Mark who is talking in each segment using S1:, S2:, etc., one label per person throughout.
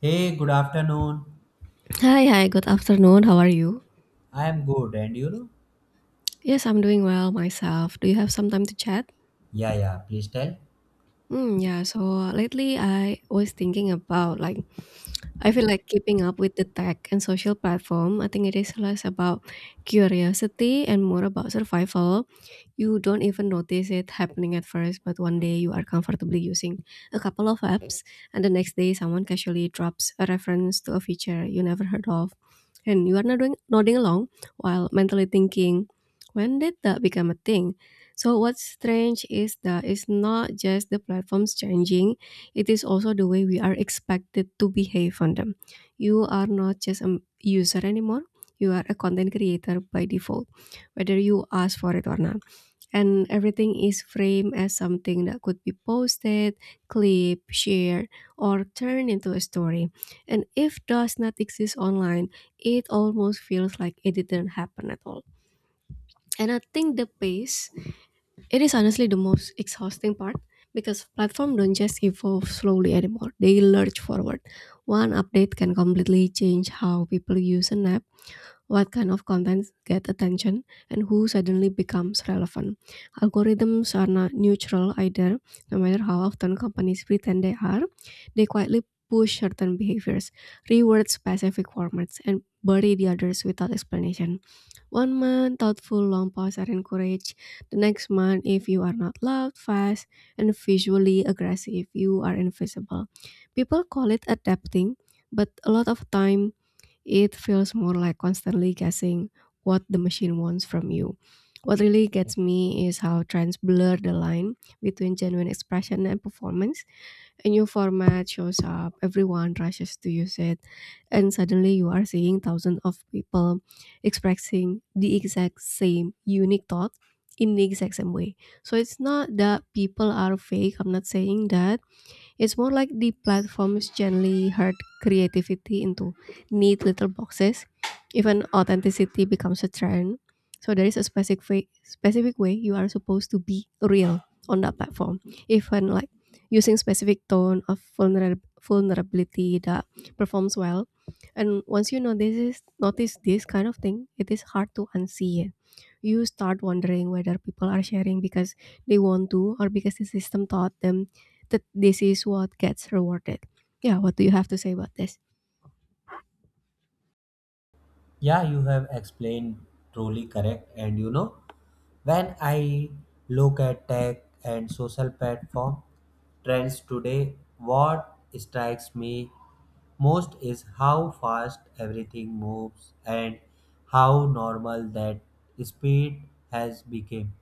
S1: Hey, good afternoon.
S2: Hi, hi, good afternoon. How are you?
S1: I am good, and you know?
S2: Yes, I'm doing well myself. Do you have some time to chat?
S1: Yeah, yeah, please tell.
S2: Hmm. Yeah, so lately I was thinking about like I feel like keeping up with the tech and social platform, I think it is less about curiosity and more about survival. You don't even notice it happening at first, but one day you are comfortably using a couple of apps, and the next day someone casually drops a reference to a feature you never heard of. And you are nodding along while mentally thinking, when did that become a thing? So, what's strange is that it's not just the platforms changing, it is also the way we are expected to behave on them. You are not just a user anymore. You are a content creator by default, whether you ask for it or not. And everything is framed as something that could be posted, clip, shared, or turned into a story. And if does not exist online, it almost feels like it didn't happen at all. And I think the pace, it is honestly the most exhausting part because platforms don't just evolve slowly anymore. They lurch forward. One update can completely change how people use an app, what kind of content get attention, and who suddenly becomes relevant. Algorithms are not neutral either, no matter how often companies pretend they are. They quietly push certain behaviors, reward specific formats, and bury the others without explanation. One month, thoughtful long pause are encouraged. The next month, if you are not loud, fast, and visually aggressive, you are invisible. People call it adapting, but a lot of time it feels more like constantly guessing what the machine wants from you. What really gets me is how trends blur the line between genuine expression and performance. A new format shows up, everyone rushes to use it, and suddenly you are seeing thousands of people expressing the exact same unique thought in the exact same way. So it's not that people are fake, I'm not saying that. It's more like the platforms gently herd creativity into neat little boxes. Even authenticity becomes a trend. So there is a specific way you are supposed to be real on that platform. Even like using specific tone of vulnerability that performs well. And once you notice this kind of thing, it is hard to unsee it. You start wondering whether people are sharing because they want to or because the system taught them that this is what gets rewarded. Yeah, what do you have to say about this?
S1: Yeah, you have explained truly correct. And you know, when I look at tech and social platform trends today, what strikes me most is how fast everything moves and how normal that speed has become.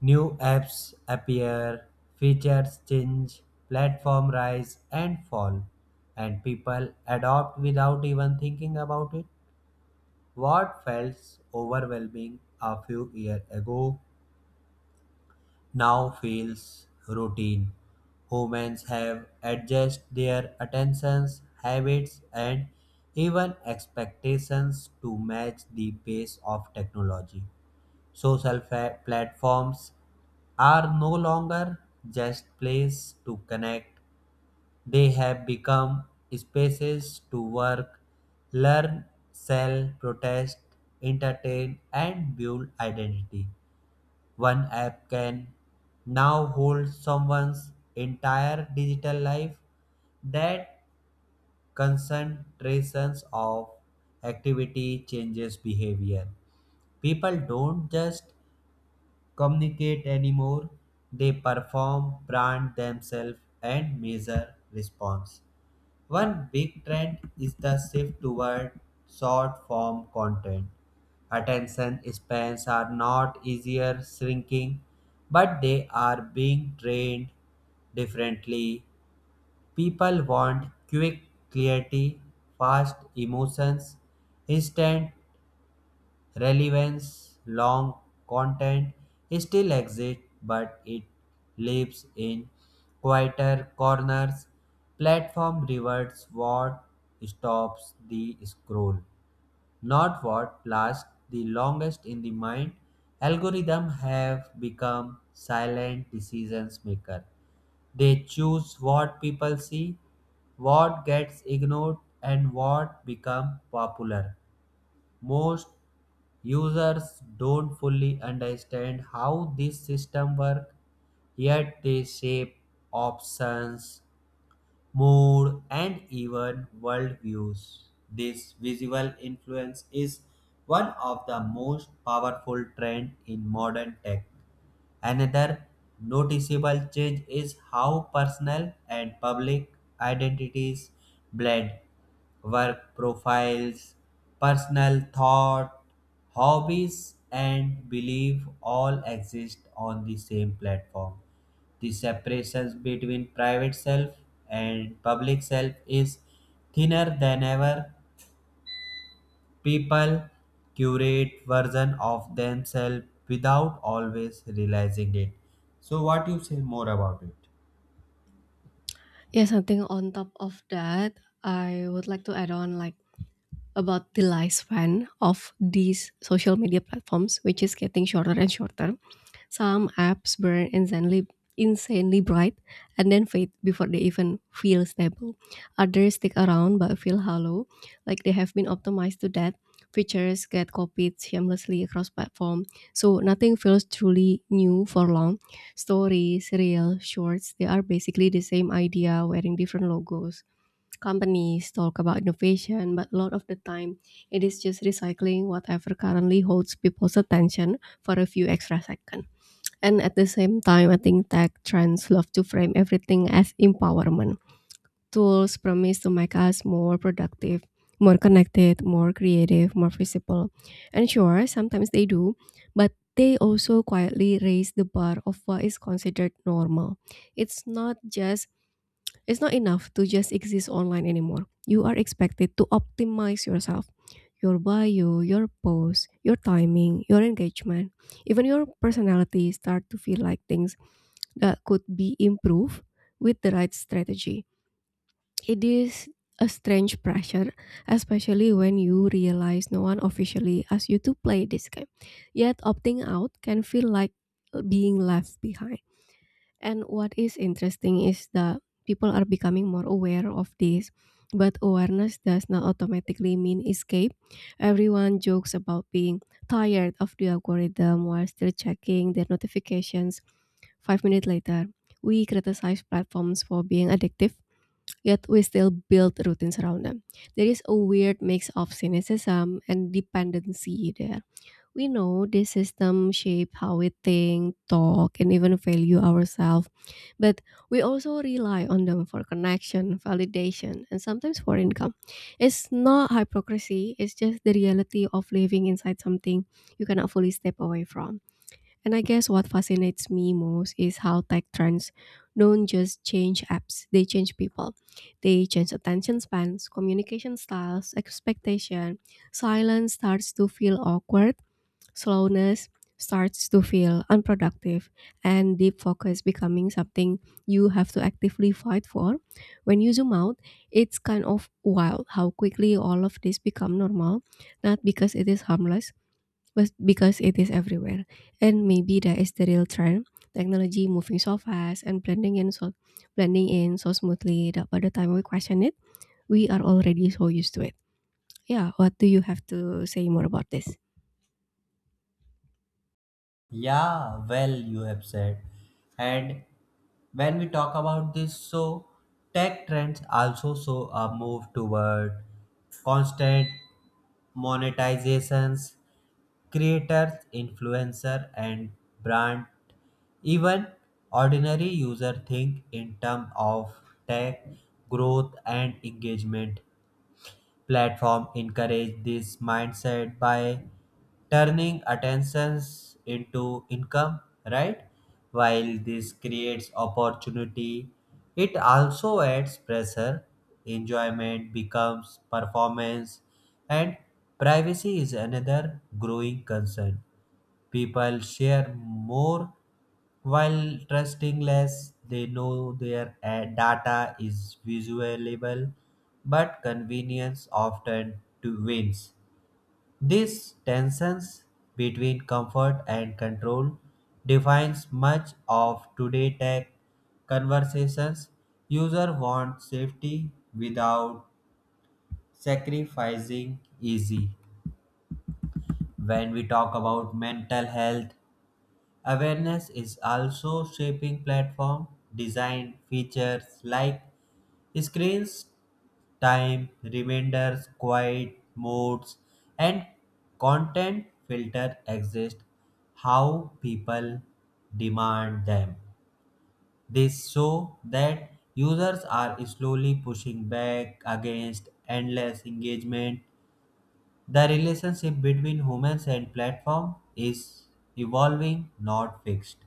S1: New apps appear, features change, platform rise and fall, and people adopt without even thinking about it. What felt overwhelming a few years ago now feels routine. Humans have adjusted their attentions, habits, and even expectations to match the pace of technology. Social platforms are no longer just places to connect, they have become spaces to work, learn, sell, protest, entertain, and build identity. One app can now hold someone's entire digital life that concentrations of activity changes behavior people don't just communicate anymore. They perform, brand themselves, and measure response. One big trend is the shift toward short form content. Attention spans are not easier shrinking, but they are being trained differently. People want quick clarity, fast emotions, instant relevance long content still exists but it lives in quieter corners platform rewards what stops the scroll not what lasts the longest in the mind. Algorithms have become silent decisions maker they choose what people see what gets ignored and what become popular most users don't fully understand how this system works yet they shape options mood and even worldviews this visual influence is one of the most powerful trends in modern tech. Another noticeable change is how personal and public identities blend. Work profiles, personal thought, hobbies, and belief all exist on the same platform. The separations between private self and public self is thinner than ever. People curate version of themselves without always realizing it. So what you say more about it?
S2: Yeah, something on top of that, I would like to add on like about the lifespan of these social media platforms, which is getting shorter and shorter. Some apps burn insanely, insanely bright and then fade before they even feel stable. Others stick around but feel hollow, like they have been optimized to death. Features get copied shamelessly across platform, so nothing feels truly new for long. Stories, reels, shorts, they are basically the same idea wearing different logos. Companies talk about innovation, but a lot of the time it is just recycling whatever currently holds people's attention for a few extra seconds. And at the same time, I think tech trends love to frame everything as empowerment. Tools promise to make us more productive, more connected, more creative, more visible. And sure, sometimes they do, but they also quietly raise the bar of what is considered normal. It's not just it's not enough to just exist online anymore. You are expected to optimize yourself, your bio, your post, your timing, your engagement, even your personality start to feel like things that could be improved with the right strategy. It is a strange pressure, especially when you realize no one officially asks you to play this game. Yet opting out can feel like being left behind. And what is interesting is that people are becoming more aware of this, but awareness does not automatically mean escape. Everyone jokes about being tired of the algorithm while still checking their notifications 5 minutes later. We criticize platforms for being addictive, yet we still build routines around them. There is a weird mix of cynicism and dependency there. We know this system shapes how we think, talk, and even value ourselves, but we also rely on them for connection, validation, and sometimes for income. It's not hypocrisy, it's just the reality of living inside something you cannot fully step away from. And I guess what fascinates me most is how tech trends don't just change apps, they change people. They change attention spans, communication styles, expectation. Silence starts to feel awkward. Slowness starts to feel unproductive, and deep focus becoming something you have to actively fight for. When you zoom out, it's kind of wild how quickly all of this become normal, not because it is harmless, but because it is everywhere. And maybe that is the real trend. Technology moving so fast and blending in so smoothly that by the time we question it, we are already so used to it. Yeah, what do you have to say more about this?
S1: Yeah, well you have said. And when we talk about this, so tech trends also show a move toward constant monetizations, creators, influencer, and brand. Even ordinary user think in terms of tech growth and engagement. Platform encourage this mindset by turning attentions into income, right? While this creates opportunity, it also adds pressure. Enjoyment becomes performance, and privacy is another growing concern. People share more while trusting less. They know their data is visualizable, but convenience often to wins. This tensions between comfort and control defines much of today tech conversations. User want safety without sacrificing easy. When we talk about mental health, awareness is also shaping platform design features like screens time, reminders, quiet modes, and content filter exist how people demand them. This show that users are slowly pushing back against endless engagement. The relationship between humans and platform is evolving, not fixed.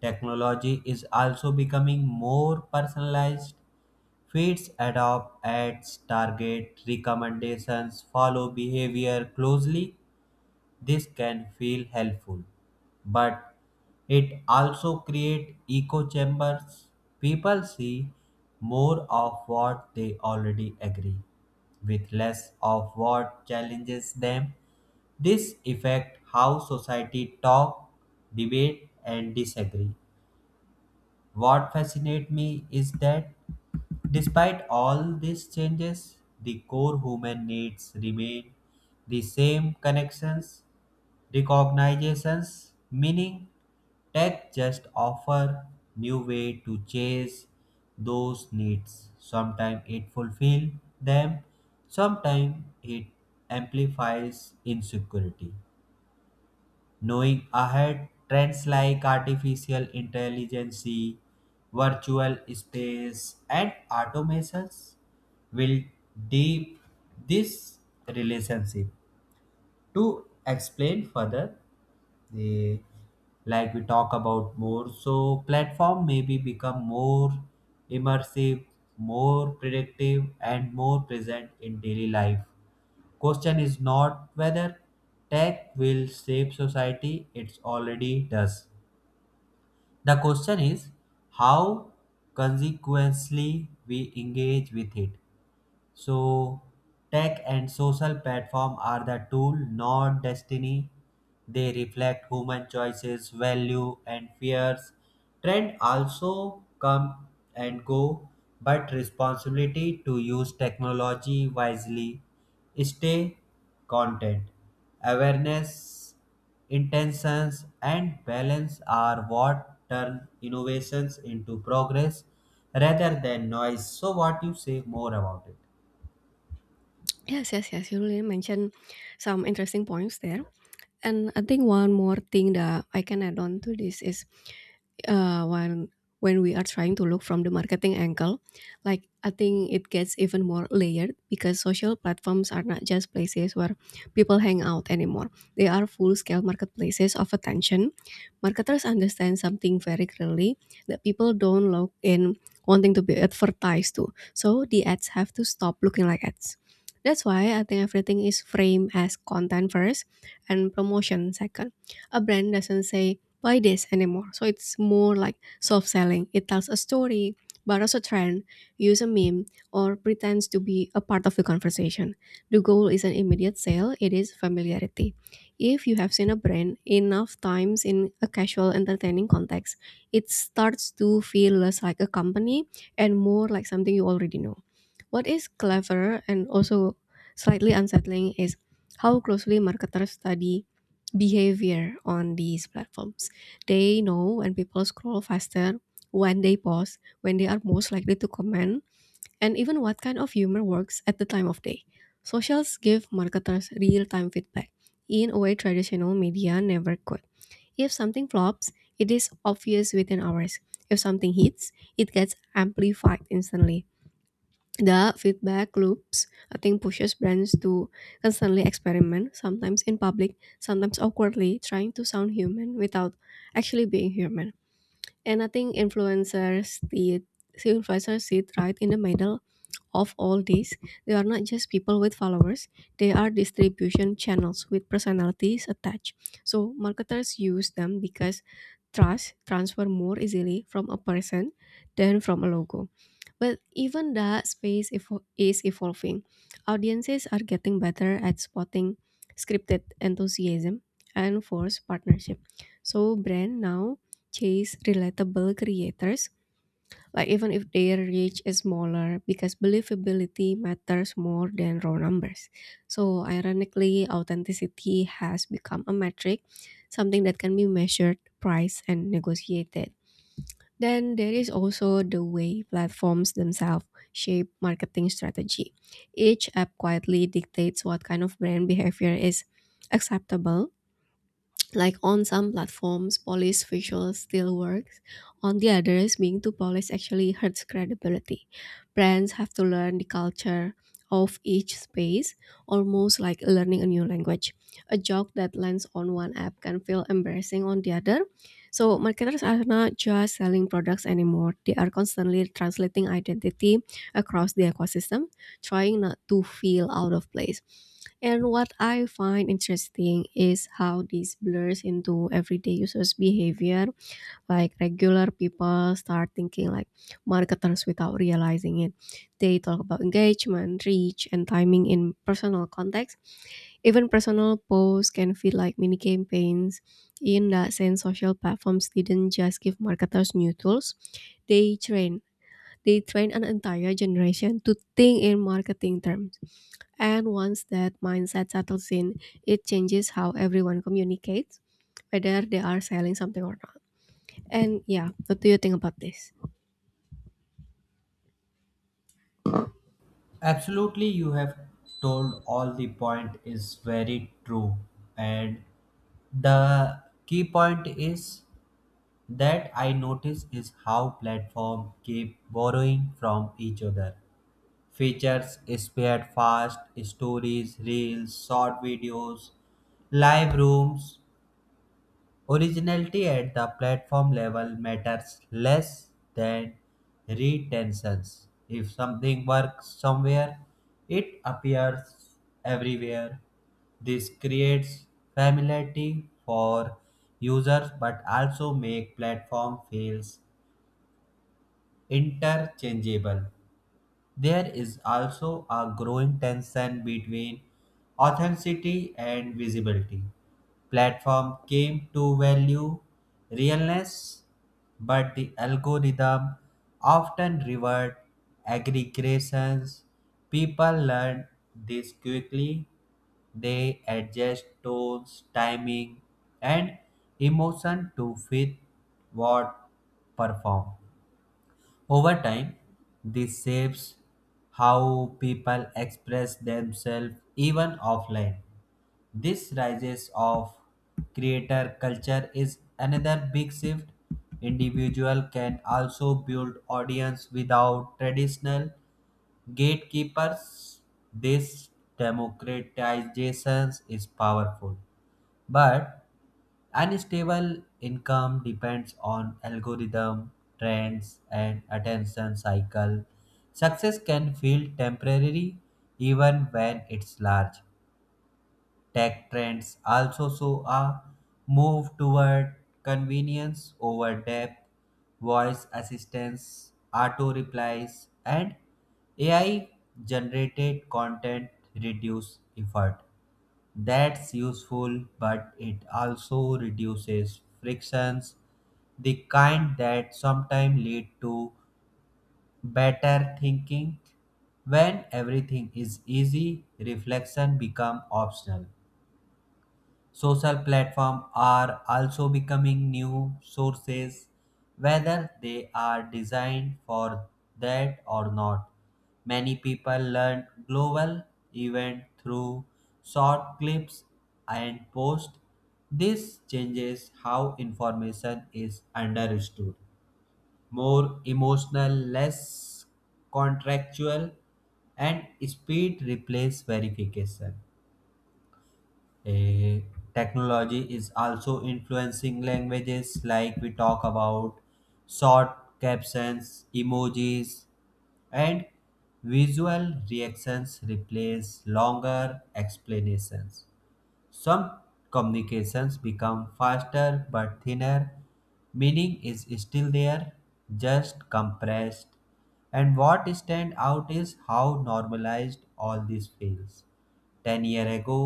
S1: Technology is also becoming more personalized. Feeds adopt ads, target recommendations, follow behavior closely. This can feel helpful, but it also creates echo chambers. People see more of what they already agree with less of what challenges them. This affects how society talk, debate and disagree. What fascinates me is that despite all these changes, the core human needs remain the same connections, recognitions, meaning. Tech just offer new way to chase those needs. Sometimes it fulfill them, sometimes it amplifies insecurity knowing ahead trends like artificial intelligence, virtual space, and automations will deep this relationship. To explain further, they like we talk about more so platform maybe become more immersive more predictive and more present in daily life. Question is not whether tech will shape society, it already does. The question is how consequently we engage with it. So, tech and social platform are the tool, not destiny. They reflect human choices, value, and fears. Trend also come and go, but responsibility to use technology wisely. Stay content. Awareness, intentions, and balance are what turn innovations into progress rather than noise. So, what you say more about it?
S2: Yes, yes, yes. You really mentioned some interesting points there. And I think one more thing that I can add on to this is uh, when when we are trying to look from the marketing angle, like I think it gets even more layered because social platforms are not just places where people hang out anymore. They are full-scale marketplaces of attention. Marketers understand something very clearly that people don't log in wanting to be advertised to. So the ads have to stop looking like ads. That's why I think everything is framed as content first and promotion second. A brand doesn't say buy this anymore. So it's more like soft selling. It tells a story, borrows a trend, use a meme, or pretends to be a part of the conversation. The goal is an immediate sale, it is familiarity. If you have seen a brand enough times in a casual entertaining context, it starts to feel less like a company and more like something you already know. What is clever and also slightly unsettling is how closely marketers study behavior on these platforms. They know when people scroll faster, when they pause, when they are most likely to comment, and even what kind of humor works at the time of day. Socials give marketers real time feedback in a way traditional media never could. If something flops, it is obvious within hours. If something hits, it gets amplified instantly. The feedback loops, I think, pushes brands to constantly experiment, sometimes in public, sometimes awkwardly, trying to sound human without actually being human. And I think influencers see it, see influencers sit right in the middle of all these, they are not just people with followers, they are distribution channels with personalities attached. So marketers use them because trust transfer more easily from a person than from a logo. But even that space is evolving. Audiences are getting better at spotting scripted enthusiasm and forced partnership. So brand now chase relatable creators, like even if their reach is smaller because believability matters more than raw numbers. So ironically, authenticity has become a metric, something that can be measured, priced, and negotiated. Then there is also the way platforms themselves shape marketing strategy. Each app quietly dictates what kind of brand behavior is acceptable. Like on some platforms, police visuals still works. On the others, being too polished actually hurts credibility. Brands have to learn the culture of each space, almost like learning a new language. A joke that lands on one app can feel embarrassing on the other. So marketers are not just selling products anymore. They are constantly translating identity across the ecosystem, trying not to feel out of place. And what I find interesting is how this blurs into everyday users' behavior. Like regular people start thinking like marketers without realizing it. They talk about engagement, reach, and timing in personal context. Even personal posts can feel like mini campaigns. In that sense, social platforms didn't just give marketers new tools; they train. They train an entire generation to think in marketing terms, and once that mindset settles in, it changes how everyone communicates, whether they are selling something or not. And yeah, what do you think about this?
S1: Absolutely, you have told all the point is very true. And the key point is that I notice is how platform keep borrowing from each other. Features spared fast, stories, reels, short videos, live rooms. Originality at the platform level matters less than retentions. If something works somewhere, it appears everywhere. This creates familiarity for users but also make platform feels interchangeable. There is also a growing tension between authenticity and visibility. Platform came to value realness, but the algorithm often reward aggregations. People learn this quickly. They adjust tones, timing, and emotion to fit what perform. Over time, this shapes how people express themselves even offline. This rises of creator culture is another big shift. Individual can also build audience without traditional gatekeepers. This democratization is powerful, but unstable income depends on algorithm, trends, and attention cycle. Success can feel temporary even when it's large. Tech trends also show a move toward convenience over depth, voice assistance, auto replies, and AI generated content reduce effort. That's useful, but it also reduces frictions, the kind that sometimes lead to better thinking. When everything is easy, reflection becomes optional. Social platforms are also becoming new sources, whether they are designed for that or not. Many people learn global event through short clips and posts. This changes how information is understood. More emotional, less contractual, and speed replace verification. Eh, Technology is also influencing languages like we talk about short captions emojis and visual reactions replace longer explanations some communications become faster but thinner meaning is still there just compressed and what stand out is how normalized all this feels 10 years ago,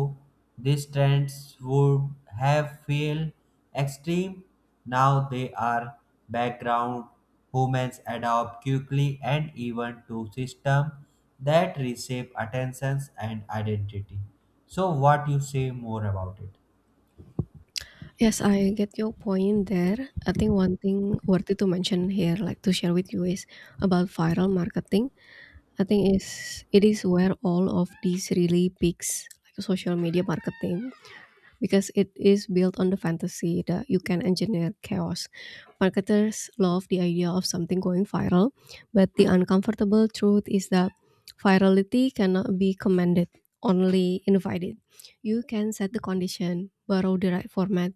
S1: these trends would have felt extreme. Now they are background. Humans adapt quickly and even to systems that reshape attentions and identity. So what you say more about it?
S2: Yes, I get your point there. I think one thing worthy to mention here, like to share with you, is about viral marketing. I think is it is where all of these really peaks, like social media marketing because it is built on the fantasy that you can engineer chaos. Marketers love the idea of something going viral, but the uncomfortable truth is that virality cannot be commanded, only invited. You can set the condition, borrow the right format,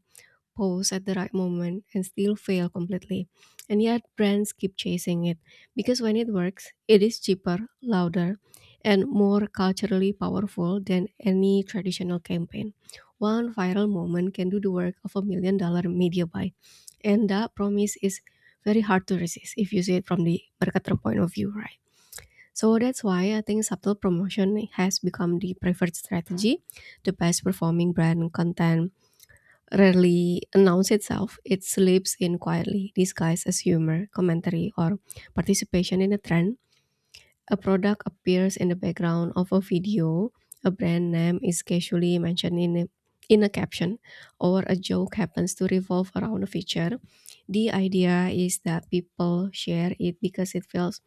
S2: pose at the right moment and still fail completely. And yet, brands keep chasing it because when it works, it is cheaper, louder, and more culturally powerful than any traditional campaign. One viral moment can do the work of a $1 million media buy. And that promise is very hard to resist if you see it from the marketer point of view, right? So that's why I think subtle promotion has become the preferred strategy. The best performing brand content rarely announces itself. It slips in quietly, disguised as humor, commentary, or participation in a trend. A product appears in the background of a video, a brand name is casually mentioned in a caption, or a joke happens to revolve around a feature. The idea is that people share it because it feels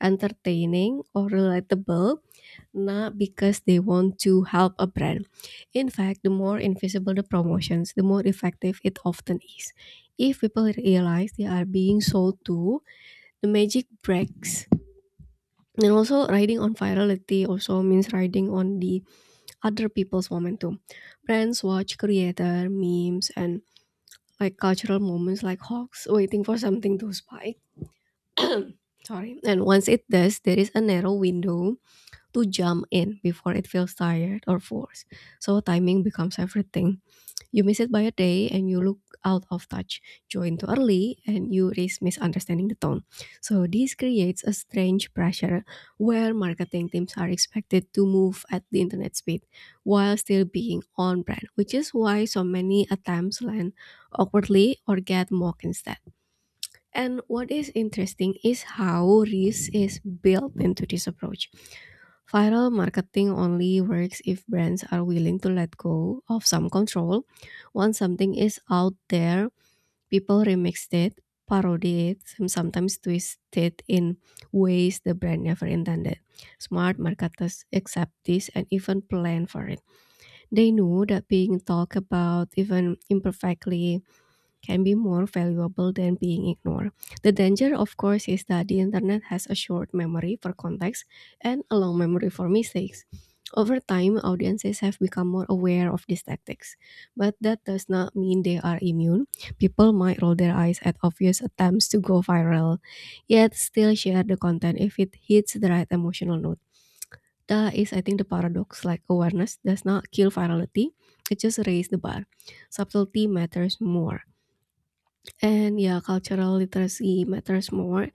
S2: entertaining or relatable, not because they want to help a brand. In fact, the more invisible the promotions, the more effective it often is. If people realize they are being sold to, the magic breaks. And also, riding on virality also means riding on the other people's momentum. Brands watch creator memes and like cultural moments like hawks waiting for something to spike. Sorry. And once it does, there is a narrow window to jump in before it feels tired or forced. So timing becomes everything. You miss it by a day and you look out of touch. Join too early and you risk misunderstanding the tone. So this creates a strange pressure where marketing teams are expected to move at the internet speed while still being on brand, which is why so many attempts land awkwardly or get mocked instead. And what is interesting is how risk is built into this approach. Viral marketing only works if brands are willing to let go of some control. Once something is out there, people remix it, parody it, and sometimes twist it in ways the brand never intended. Smart marketers accept this and even plan for it. They know that being talked about, even imperfectly, can be more valuable than being ignored. The danger, of course, is that the internet has a short memory for context and a long memory for mistakes. Over time, audiences have become more aware of these tactics, but that does not mean they are immune. People might roll their eyes at obvious attempts to go viral, yet still share the content if it hits the right emotional note. That is, I think, the paradox. Like awareness does not kill virality; it just raises the bar. Subtlety matters more. And yeah, cultural literacy matters more,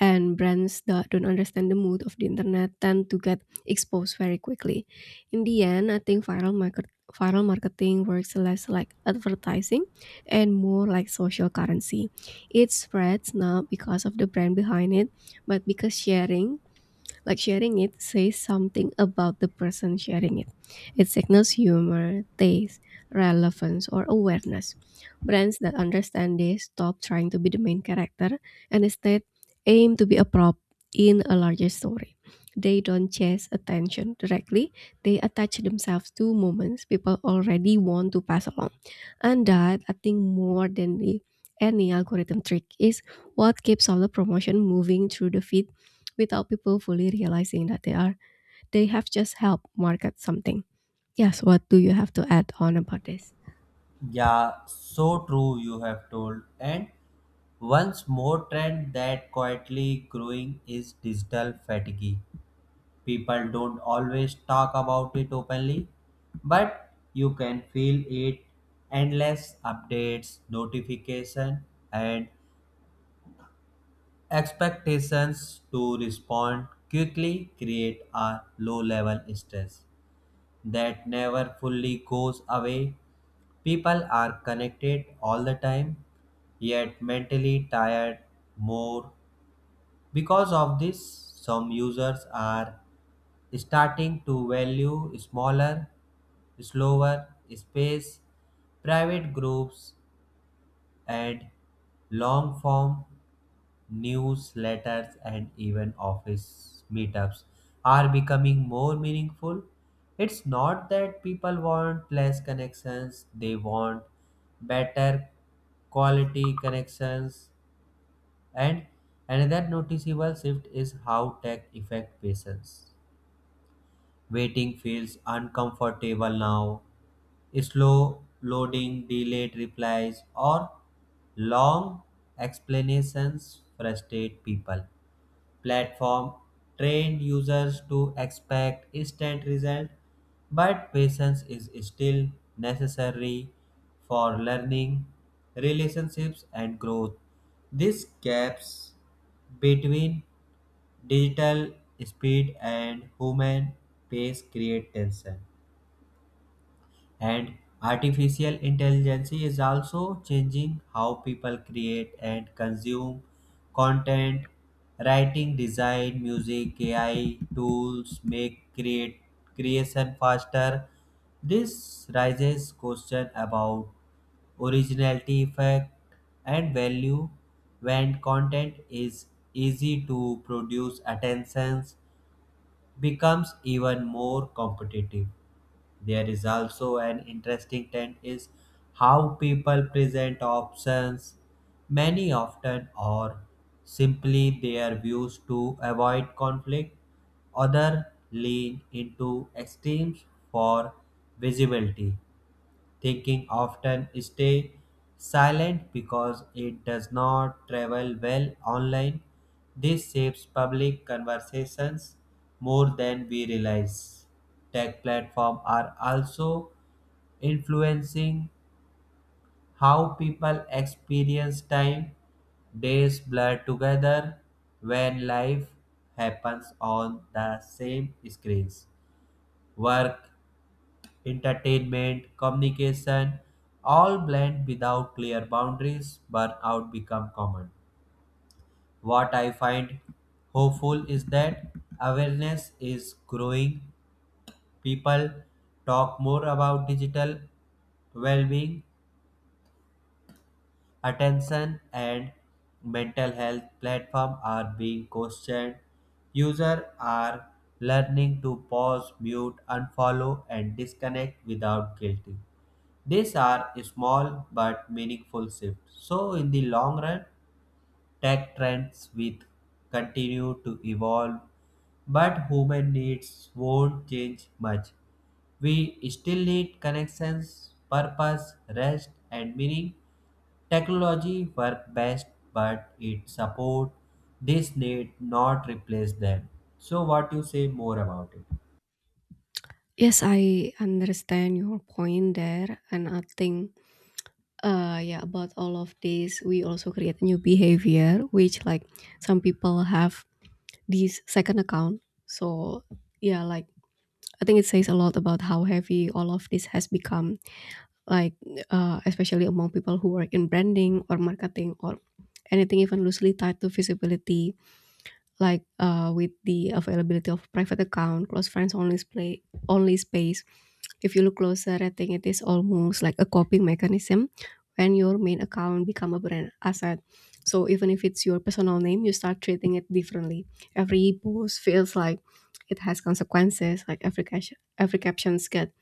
S2: and brands that don't understand the mood of the internet tend to get exposed very quickly. In the end, I think viral marketing works less like advertising and more like social currency. It spreads not because of the brand behind it, but because sharing it says something about the person sharing it. It signals humor, taste, relevance, or awareness. Brands that understand this stop trying to be the main character and instead aim to be a prop in a larger story. They don't chase attention directly, they attach themselves to moments people already want to pass along. And that, I think, more than the any algorithm trick is what keeps all the promotion moving through the feed without people fully realizing that they have just helped market something. Yes, what do you have to add on about this?
S1: Yeah, so true you have told. And once more trend that quietly growing is digital fatigue. People don't always talk about it openly, but you can feel it endless updates, notification and expectations to respond quickly create a low level stress that never fully goes away. People are connected all the time yet mentally tired more. Because of this, some users are starting to value smaller slower space, private groups, and long form newsletters and even office meetups are becoming more meaningful. It's not that people want less connections, they want better quality connections. And another noticeable shift is how tech affect patients. Waiting feels uncomfortable now slow loading, delayed replies, or long explanations frustrate people. Platform trained users to expect instant result, but patience is still necessary for learning, relationships, and growth. These gaps between digital speed and human pace create tension. And artificial intelligence is also changing how people create and consume content. Writing, design, music, AI tools make create creation faster. This raises question about originality, effect, and value when content is easy to produce. Attentions becomes even more competitive. There is also an interesting trend is how people present options. Many often or simply their views to avoid conflict. Other lean into extremes for visibility thinking often stay silent because it does not travel well online. This shapes public conversations more than we realize. Tech platforms are also influencing how people experience time. Days blur together when life happens on the same screens. Work entertainment, communication, all blend without clear boundaries, burnout become common. What I find hopeful is that awareness is growing. People talk more about digital well-being, attention and mental health platform are being questioned. Users are learning to pause, mute, unfollow and disconnect without guilt. These are small but meaningful shifts. So, in the long run, tech trends will continue to evolve, but human needs won't change much. We still need connections, purpose, rest, and meaning. Technology works best, but it supports this need, not replace them. So, what you say more about it?
S2: Yes, I understand your point there, and I think yeah, about all of this, we also create new behavior, which, like, some people have this second account. So yeah, like, I think it says a lot about how heavy all of this has become, like especially among people who work in branding or marketing or anything even loosely tied to visibility, like with the availability of private account, close friends only play only space. If you look closer, I think it is almost like a coping mechanism when your main account become a brand asset. So even if it's your personal name, you start treating it differently. Every post feels like it has consequences. Like every caption, every captions get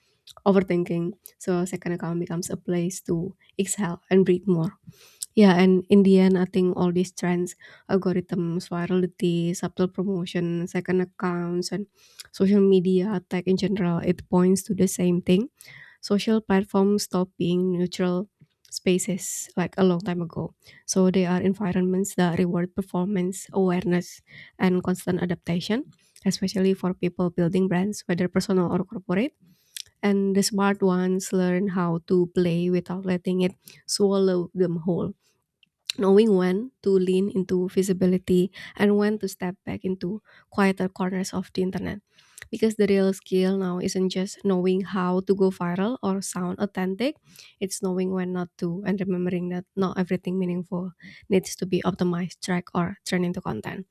S2: overthinking. So second account becomes a place to exhale and breathe more. Yeah, and in the end, I think all these trends, algorithms, virality, subtle promotion, second accounts, and social media tech in general, it points to the same thing. Social platforms stop being neutral spaces like a long time ago. So they are environments that reward performance, awareness, and constant adaptation, especially for people building brands, whether personal or corporate. And the smart ones learn how to play without letting it swallow them whole, knowing when to lean into visibility and when to step back into quieter corners of the internet. Because the real skill now isn't just knowing how to go viral or sound authentic, it's knowing when not to, and remembering that not everything meaningful needs to be optimized, tracked, or turned into content.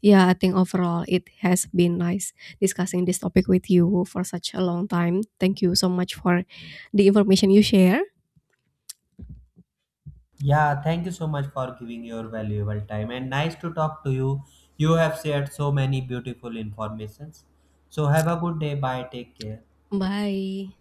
S2: Yeah, I think overall it has been nice discussing this topic with you for such a long time. Thank you so much for the information you share.
S1: Yeah, thank you so much for giving your valuable time and nice to talk to you. You have shared so many beautiful informations. So have a good day. Bye. Take care.
S2: Bye.